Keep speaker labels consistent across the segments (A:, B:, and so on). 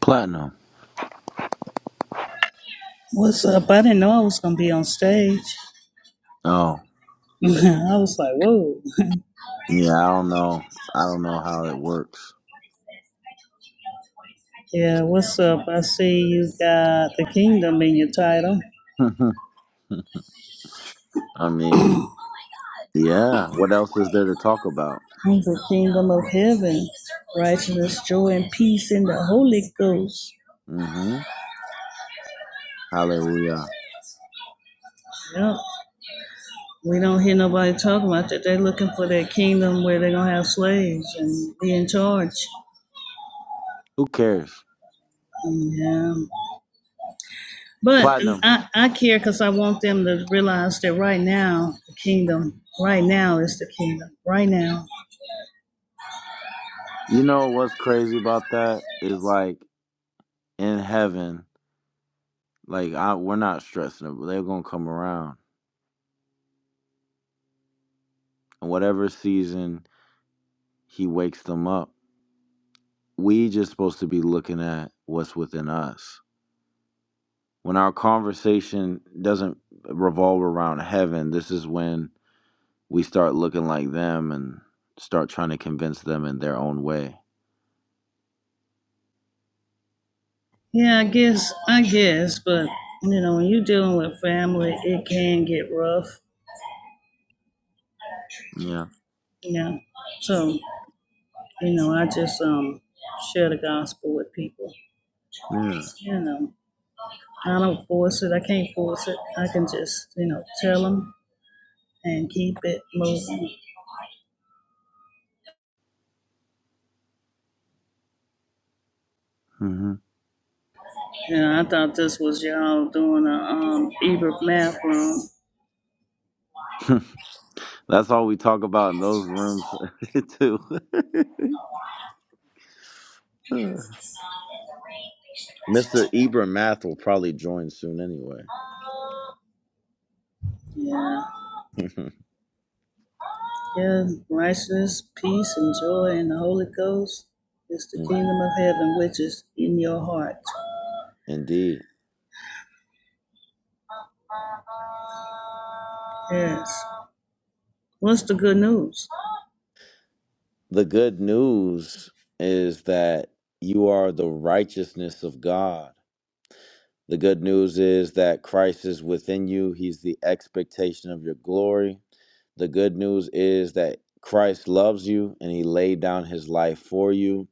A: Platinum.
B: What's up? I didn't know I was gonna be on stage.
A: Oh,
B: I was like, whoa.
A: yeah. I don't know. I don't know how it works.
B: yeah, what's up? I see you got the kingdom in your title.
A: I mean, yeah. What else is there to talk about?
B: the kingdom of heaven,
A: Yeah.
B: righteousness, joy, and peace in the Holy Ghost.
A: Mm-hmm. Hallelujah.
B: Yep. We don't hear nobody talking about that. They're looking for that kingdom where they're gonna have slaves and be in charge.
A: Who cares?
B: Yeah, but
A: Platinum.
B: I I care because I want them to realize that right now the kingdom, right now is the kingdom, right now.
A: You know what's crazy about that is like in heaven, like I, we're not stressing it, but they're gonna come around, and whatever season he wakes them up, we just supposed to be looking at what's within us When our conversation doesn't revolve around heaven, this is when we start looking like them and start trying to convince them in their own way.
B: Yeah, I guess I guess, but you know when you're dealing with family, it can get rough.
A: Yeah.
B: Yeah, so you know I just um share the gospel with people.
A: Yeah.
B: You know I don't force it. I can't force it. I can just you know tell them. and keep it moving.
A: hmm
B: Yeah, I thought this was y'all doing a um Ebert math room.
A: That's all we talk about in those rooms, too. Mr. Ibram Math will probably join soon anyway.
B: Yeah. Yeah, righteousness, peace, and joy in the Holy Ghost is the kingdom
A: hmm
B: of heaven which is in your heart.
A: Indeed.
B: Yes. What's the good news?
A: The good news is that you are the righteousness of God The good news is that Christ is within you. He's the expectation of your glory. The good news is that Christ loves you and he laid down his life for you.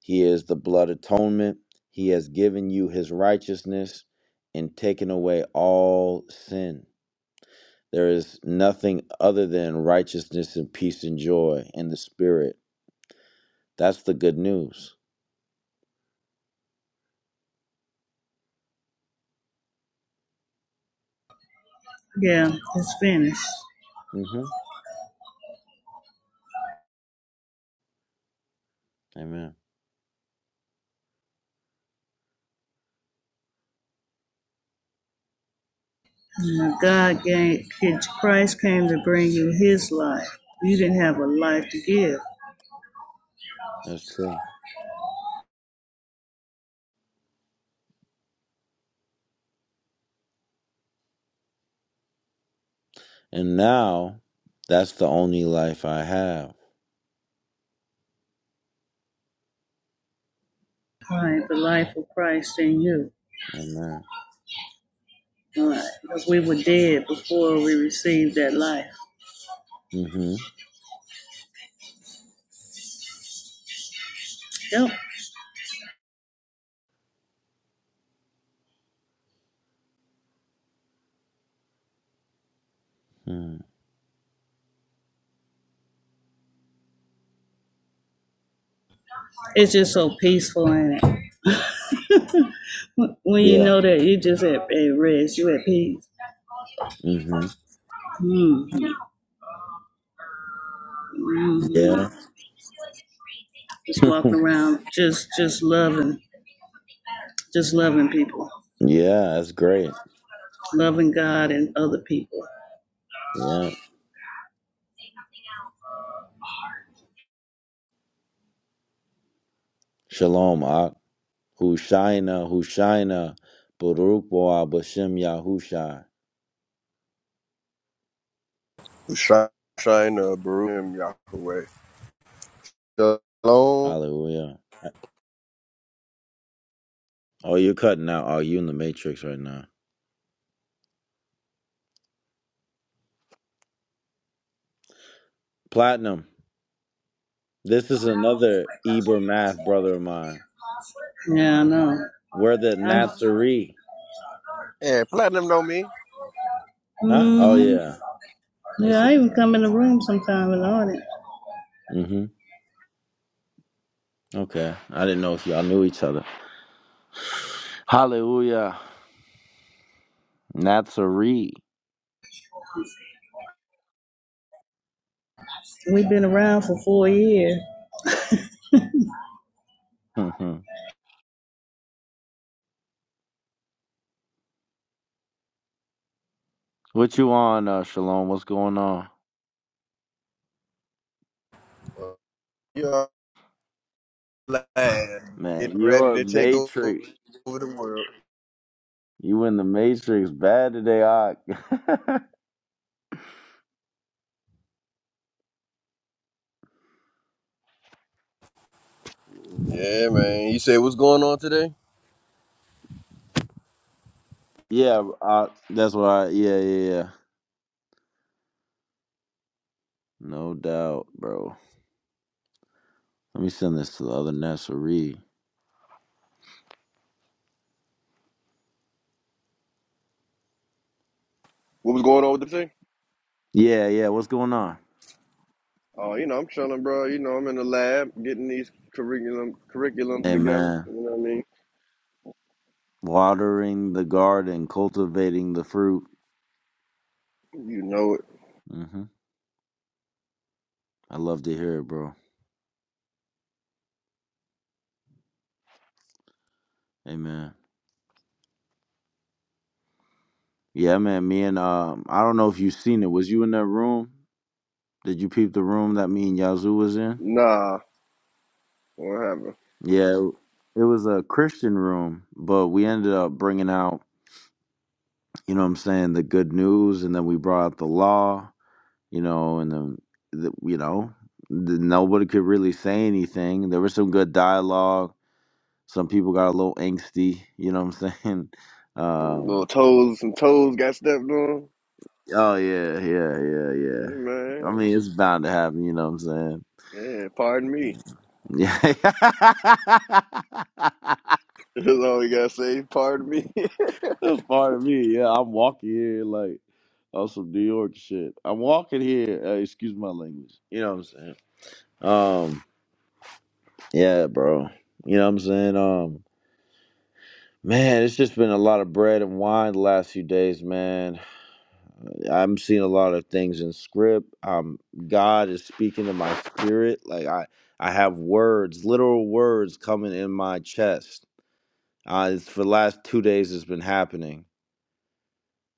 A: He is the blood atonement. He has given you his righteousness and taken away all sin. There is nothing other than righteousness and peace and joy in the spirit. That's the good news.
B: Yeah, it's finished.
A: hmm Amen.
B: God gave Christ came to bring you his life. You didn't have a life to give.
A: That's true. And now, that's the only life I have.
B: All Right, the life of Christ in you.
A: Amen.
B: All right. Because we were dead before we received that life.
A: Mm-hmm.
B: Yep.
A: Mm.
B: It's just so peaceful in it. When you
A: Yeah.
B: know that you just at, at rest, you at peace.
A: Mm-hmm.
B: hmm hmm
A: Yeah.
B: Just walking around, just just loving, just loving people,
A: Yeah, that's great.
B: loving God and other people.
A: Yeah. Shalom, Ak. Hushaina, Hushaina, Baruch Boah Bashem Yahushai.
C: Shine, shine, uh, Baruch, Yahweh. Shalom.
A: Hallelujah. Oh, you're cutting out. Oh, you in the matrix right now. Platinum. This is another Eber math brother of mine.
B: Yeah, no.
A: We're the
B: I know. I,
A: Nazarene.
C: And platinum know me.
A: Huh? Oh,
B: Mhm.
A: yeah.
B: Yeah,
A: That's,
B: I even come in the room sometime and on it.
A: mm-hmm. Okay. I didn't know if y'all knew each other. Hallelujah. Nazarene.
B: We've been around for four years.
A: hmm What you on, uh, Shalom? What's going on,
C: You're glad.
A: man?
C: Getting ready
A: You're a
C: to take o-
A: matrix.
C: over the world.
A: You in the matrix bad today, I.
C: Yeah, man. You say what's going on today?
A: yeah, I, that's why. I, yeah, yeah, yeah. No doubt, bro. Let me send this to the other Nasseree.
C: What was going on with the thing?
A: Yeah, yeah. What's going on?
C: Oh, you know, I'm chilling, bro. You know, I'm in the lab getting these curriculum curriculum
A: Amen.
C: together. You know what I mean?
A: Watering the garden, cultivating the fruit.
C: You know it.
A: hmm I love to hear it, bro. Amen. Yeah, man. Me and um, I don't know if you seen it. Was you in that room? Did you peep the room that me and Yazoo was in?
C: Nah, what happened?
A: Yeah, it it was a Christian room, but we ended up bringing out, you know what I'm saying, the good news, and then we brought out the law, you know, and then, the, you know, the, nobody could really say anything. There was some good dialogue. Some people got a little angsty, you know what I'm saying?
C: Little
A: Um,
C: toes, some toes got stepped on.
A: oh, yeah, yeah, yeah, yeah.
C: Yeah,
A: I
C: man.
A: mean, it's bound to happen, you know what I'm saying?
C: Yeah, pardon me.
A: Yeah.
C: That's all we gotta say. Pardon me.
A: That's part of me. Yeah, I'm walking here like on some New York shit. I'm walking here. Uh, excuse my language. You know what I'm saying? Um, yeah, bro. You know what I'm saying? Um, man, it's just been a lot of bread and wine the last few days, man. I'm seeing a lot of things in script. Um, God is speaking to my spirit. Like I, I have words, literal words coming in my chest. Uh, it's for the last two days. It's been happening.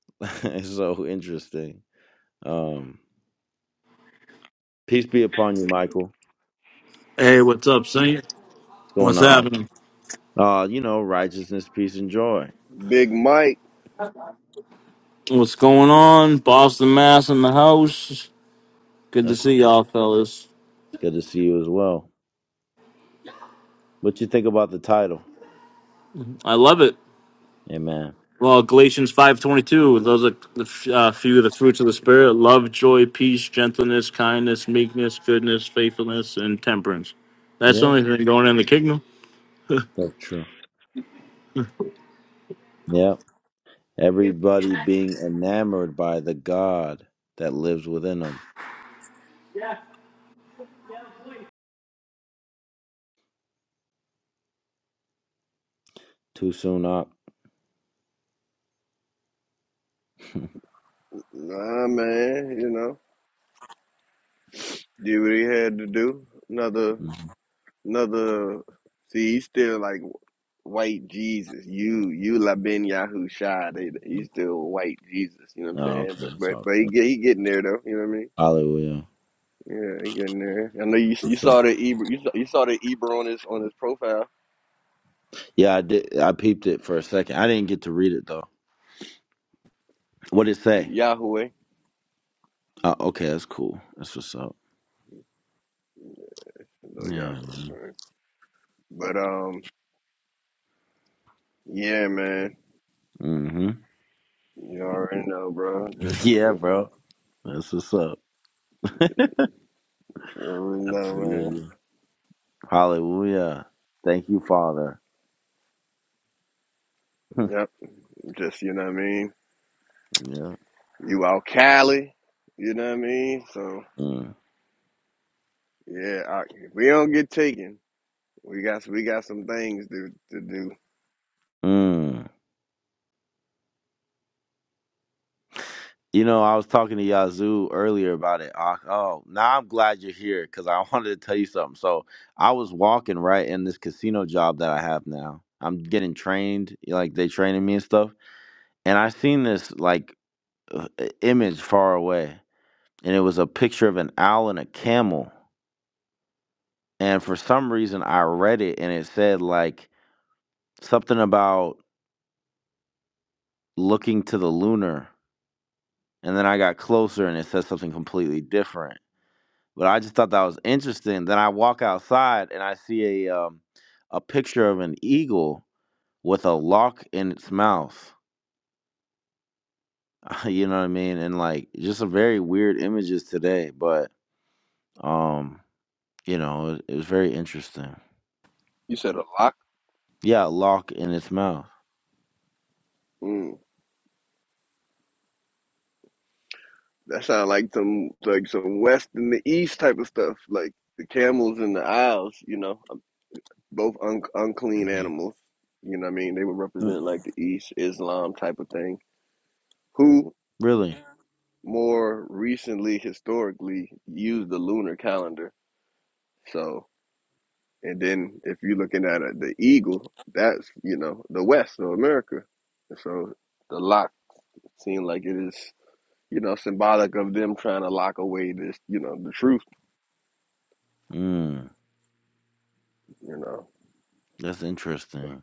A: it's so interesting. Um. Peace be upon you, Michael. What's
D: Hey, what's up, Saint?
A: going
D: What's
A: on?
D: happening?
A: Uh, you know, righteousness, peace, and joy.
C: Big Mike,
D: What's going on? Boston Mass in the house. Good to
A: That's
D: see
A: what's up.
D: y'all, fellas.
A: good to see you as well. What you think about the title?
D: I love it.
A: Amen.
D: Well, Galatians five twenty two. Those are the f- uh, few of the fruits of the spirit: love, joy, peace, gentleness, kindness, meekness, goodness, faithfulness, and temperance. That's the
A: Yeah,
D: only thing going in the kingdom.
A: that's true. Yeah, everybody being enamored by the God that lives within them. Too soon up.
C: nah man, you know, did what he had to do. Another,
A: Mhm.
C: another. See, he's still like white Jesus. You, you Laben Yahusha. They, he's still white Jesus. You know what I'm
A: oh,
C: saying?
A: okay,
C: But,
A: that's
C: but,
A: all.
C: but he
A: Good.
C: get, he getting there though. You know what I mean?
A: Hallelujah.
C: Yeah, he getting there. I know you,
A: For
C: you
A: sure.
C: saw the Eber, you saw, you saw the Eber on his on his profile,
A: Yeah, I did. I peeped it for a second. I didn't get to read it though. What did it say?
C: Yahweh.
A: Uh, okay, that's cool. That's what's up.
C: So
A: Yeah.
C: Yahweh.
A: Man.
C: man. But um, yeah, man,
A: Mm-hmm.
C: you already know, bro. Just,
A: Yeah,
C: you
A: bro. That's what's up.
C: already know,
A: Absolutely. Hallelujah. Thank you, Father.
C: man. Just you know what I mean.
A: yeah.
C: You out Cali, you know what I mean. So
A: Mm.
C: yeah, I, if we don't get taken, we got we got some things to to do.
A: Mm. You know, I was talking to Yazoo earlier about it. Ak. Oh, now I'm glad you're here because I wanted to tell you something. So I was walking right in this casino job that I have now. I'm getting trained, like they training me and stuff. And I seen this like uh, image far away, and it was a picture of an owl and a camel. And for some reason, I read it and it said like something about looking to the lunar. And then I got closer and it said something completely different. But I just thought that was interesting. Then I walk outside and I see a um, a picture of an eagle with a lock in its mouth. you know what I mean? And like just some very weird images today. But um, you know, it, it was very interesting.
C: You said a lock.
A: Yeah, a lock in its mouth.
C: Mm, that sound like some like some west and the east type of stuff, like the camels and the owls. You know, um, both un- unclean
A: Mhm.
C: animals. You know what I mean? They would
A: Mm,
C: represent like the East Islam type of thing. Who
A: Really?
C: more recently historically used the lunar calendar? So And then if you're looking at it, the eagle, that's, you know, the West of America. And so the lock seemed like it is, you know, symbolic of them trying to lock away this, you know, the truth,
A: Mm,
C: you know.
A: that's interesting.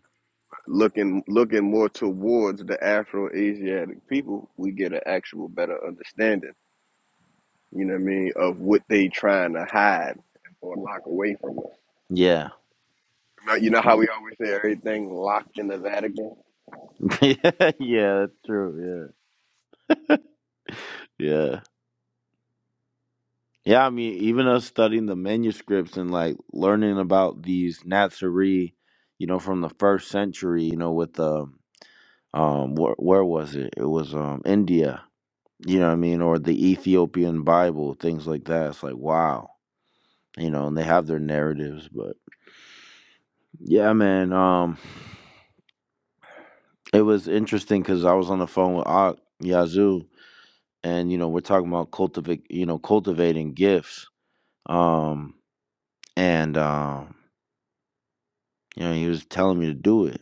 C: Looking looking more towards the Afro Asiatic people, we get an actual better understanding, you know what I mean, of what they trying to hide or lock away from.
A: Yeah.
C: Now, You know how we always say everything locked in the Vatican?
A: yeah, that's true. Yeah. Yeah. Yeah, I mean, even us studying the manuscripts and like learning about these Nazarene, you know, from the first century, you know, with the um where, where was it? It was um India, you know what I mean, or the Ethiopian Bible, things like that. It's like wow. You know, and they have their narratives, but yeah, man, um it was interesting cuz I was on the phone with Ak Yazoo and you know, we're talking about cultivate, you know, cultivating gifts Um, and, um, you know, he was telling me to do it.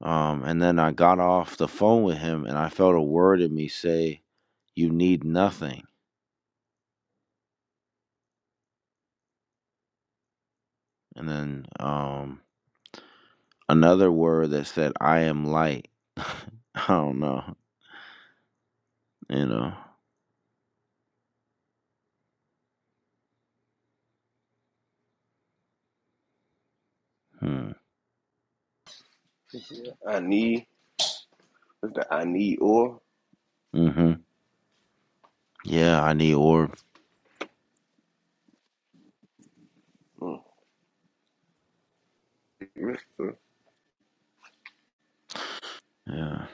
A: Um, and then I got off the phone with him and I felt a word in me say, You need nothing. And then um, another word that said, I am light. I don't know, you know. Hmm.
C: I need, what's the I need or?
A: hmm Yeah, I need orb. Yeah.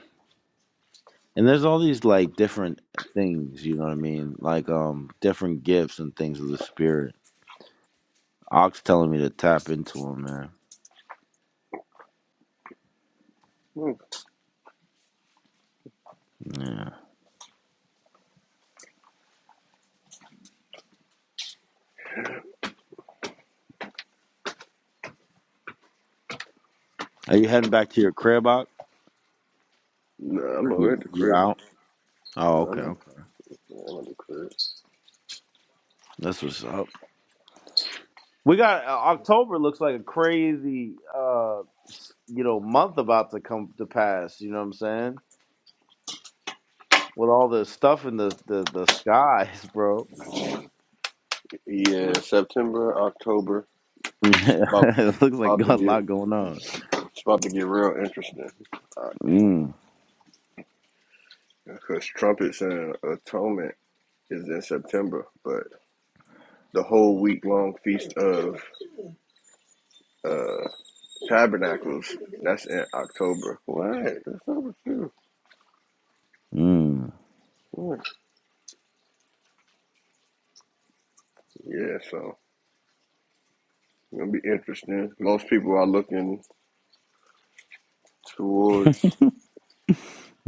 A: And there's all these like different things, you know what I mean? Like um different gifts and things of the spirit. Ox telling me to tap into them, man.
C: Mm.
A: Yeah. Are you heading back to your crib out?
C: Nah, I'm
A: Are you
C: over at the
A: you
C: crib.
A: out? Oh,
C: Nah,
A: okay,
C: I'm, at,
A: okay.
C: nah, I'm at the crib.
A: That's what's up. We got uh, October looks like a crazy uh s- you know month about to come to pass, you know what I'm saying? With all the stuff in the the, the skies, bro.
C: Yeah, September, October. It's about,
A: it looks like
C: about
A: got
C: to
A: a
C: get
A: lot going on.
C: it's about to get real interesting.
A: Mm,
C: Because trumpets and atonement is in September, but the whole week long feast of uh, tabernacles that's in October. What? That's over too.
A: mm,
C: Yeah, so it'll be interesting. Most people are looking towards.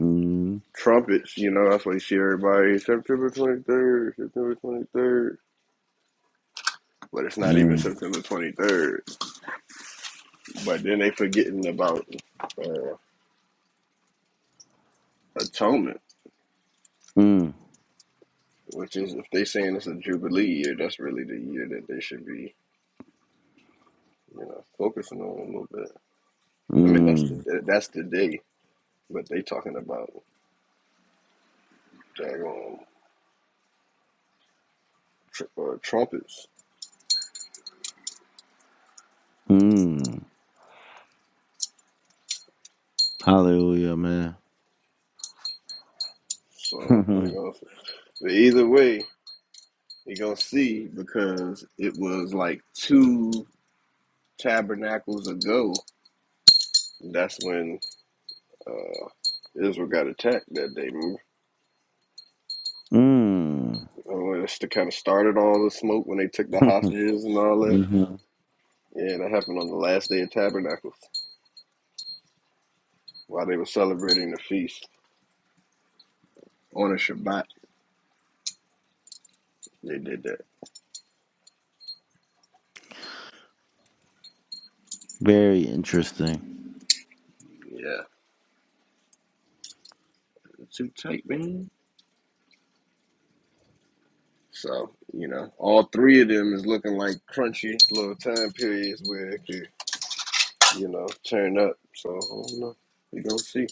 A: mm,
C: trumpets, you know, that's why you see everybody September 23rd, September 23rd, but it's not even
A: mm,
C: September 23rd. But then they forgetting about uh, atonement,
A: mm,
C: which is if they saying it's a jubilee year, that's really the year that they should be, you know, focusing on a little bit. I mean, that's
A: mm,
C: the that's the day, but they talking about daggone tr- uh, trumpets.
A: mm. Hallelujah, man.
C: So we gonna, but either way, you gonna see because it was like two. tabernacles ago, that's when uh, Israel got attacked that day. Remember?
A: mm. hmm
C: Uh, That's the kind of started all the smoke when they took the hostages and all that. Yeah, that happened on the last day of tabernacles while they were celebrating the feast on a Shabbat. They did that.
A: Very interesting.
C: Yeah, it's too tight, man. So you know, all three of them is looking like crunchy little time periods where it could, you know, turn up. So I don't know. We gonna see.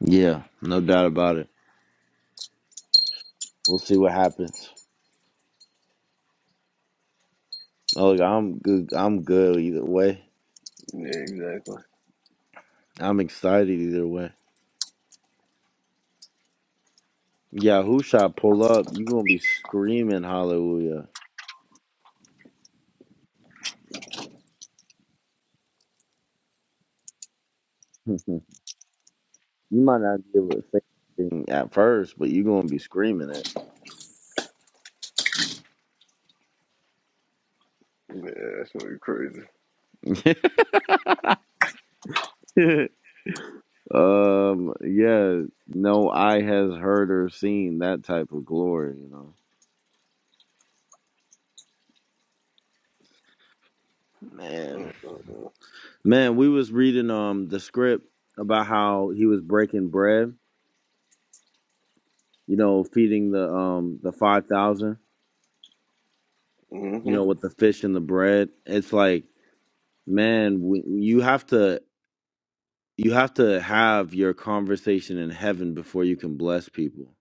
A: Yeah, no doubt about it. We'll see what happens. Oh, look, I'm good. I'm good either way.
C: Yeah, exactly.
A: I'm excited either way. Yeah, who shot pull up? you gonna be screaming hallelujah. you might not be able to say anything at first, but you gonna be screaming
C: Yeah, that's gonna be crazy.
A: it. um, yeah, no eye has heard or seen that type of glory. You know, man,
C: Mm-mm-mm.
A: man, we was reading um the script about how he was breaking bread you know, feeding the um the five thousand, you
C: hmm
A: know, with the fish and the bread. It's like, man, we, you have to you have to have your conversation in heaven before you can bless people.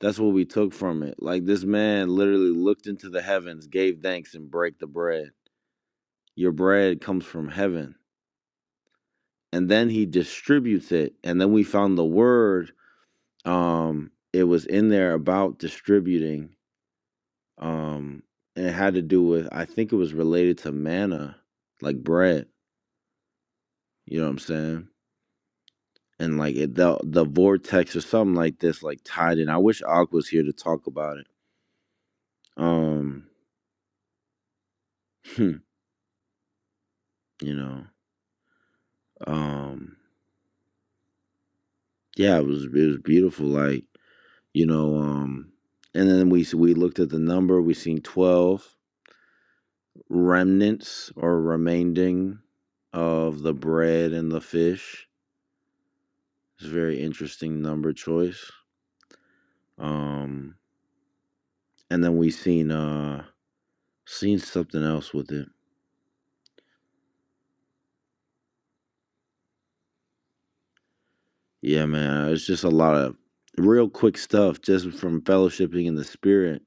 A: That's what we took from it. Like this man literally looked into the heavens, gave thanks, and break the bread. Your bread comes from heaven, and then he distributes it. And then we found the word. Um, it was in there about distributing um and it had to do with i think it was related to manna like bread you know what i'm saying and like it, the the vortex or something like this like tied in i wish Ak was here to talk about it um you know um yeah it was it was beautiful like you know um and then we s- we looked at the number we seen 12 remnants or remaining of the bread and the fish it's a very interesting number choice um and then we seen uh seen something else with it. Yeah, man, it's just a lot of real quick stuff just from fellowshipping in the spirit.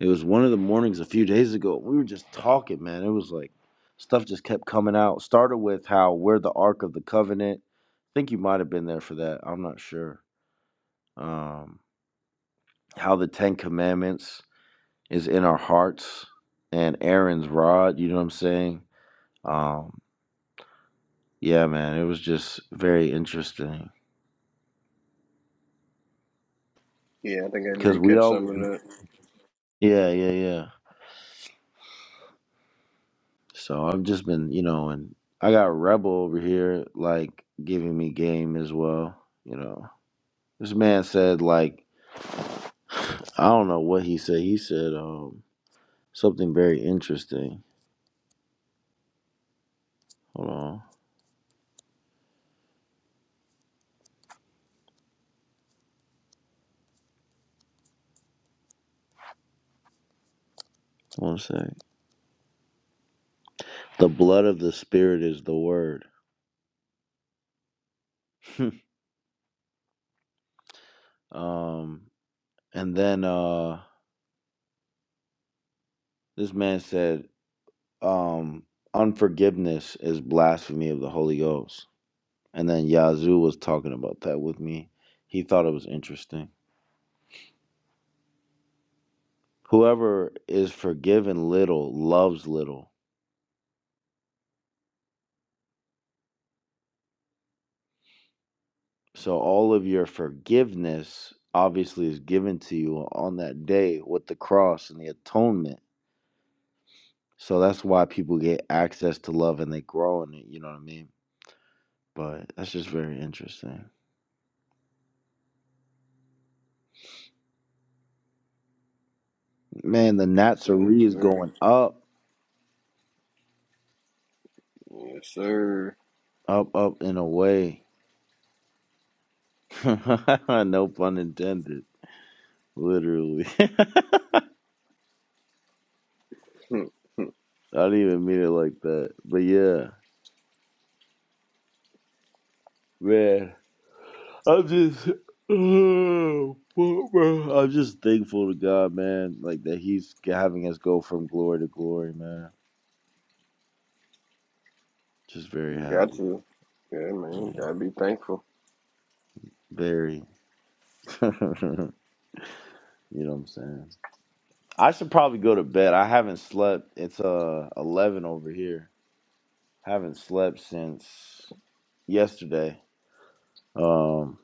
A: It was one of the mornings a few days ago. We were just talking, man. It was like stuff just kept coming out. Started with how we're the Ark of the Covenant. I think you might have been there for that. I'm not sure. Um, how the Ten Commandments is in our hearts and Aaron's rod. You know what I'm saying? Um, yeah, man, it was just very interesting.
C: Yeah, I think I
A: Because
C: did
A: we
C: catch some
A: always.
C: of that.
A: Yeah, yeah, yeah. So I've just been, you know, and I got Rebel over here, like, giving me game as well. You know, this man said, like, I don't know what he said. He said um, something very interesting. Hold on. One sec. The blood of the spirit is the word. um, and then uh, this man said, um, unforgiveness is blasphemy of the Holy Ghost. And then Yazoo was talking about that with me. He thought it was interesting. Whoever is forgiven little loves little. So all of your forgiveness obviously is given to you on that day with the cross and the atonement. So that's why people get access to love and they grow in it, you know what I mean? But that's just very interesting. Man, the
C: Yes,
A: Natsari is
C: sir.
A: going up,
C: Yes, sir.
A: up, up in a way. no pun intended, literally.
C: Hmm, hmm.
A: I didn't even mean it like that. But yeah, man, I'm just, oh, bro, bro. I'm just thankful to God, man. Like that He's having us go from glory to glory, man. Just very
C: got
A: happy,
C: to. Yeah, man. Gotta be thankful.
A: very. you know what I'm saying? I should probably go to bed. I haven't slept. It's uh 11 over here. Haven't slept since yesterday. Um,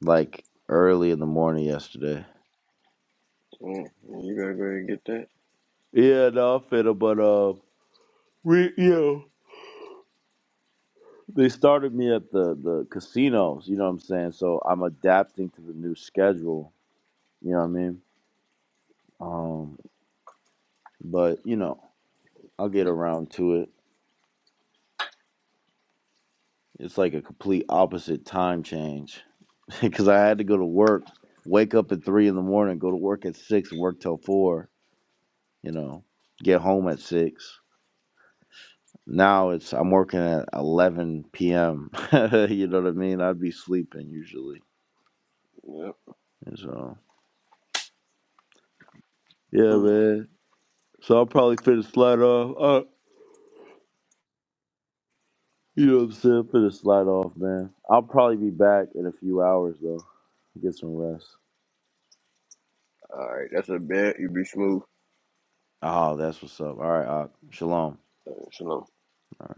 A: like early in the morning yesterday.
C: Mm. You gotta go ahead and get that.
A: Yeah, no, fiddle, but uh, we, you know, they started me at the the casinos. You know what I'm saying? So I'm adapting to the new schedule. You know what I mean? Um, but you know, I'll get around to it. It's like a complete opposite time change because I had to go to work, wake up at three in the morning, go to work at six, work till four. You know, get home at six. Now it's I'm working at 11 p.m. you know what I mean? I'd be sleeping usually.
C: Yep.
A: And so, yeah,
C: Mm.
A: man. So I'll probably finish slide off. Uh, you know what I'm saying? Finish slide off, man. I'll probably be back in a few hours, though. Get some rest.
C: All right, that's a bet. You be smooth.
A: Oh, that's what's up. All right, uh, shalom. All
C: Uh, shalom.
A: right.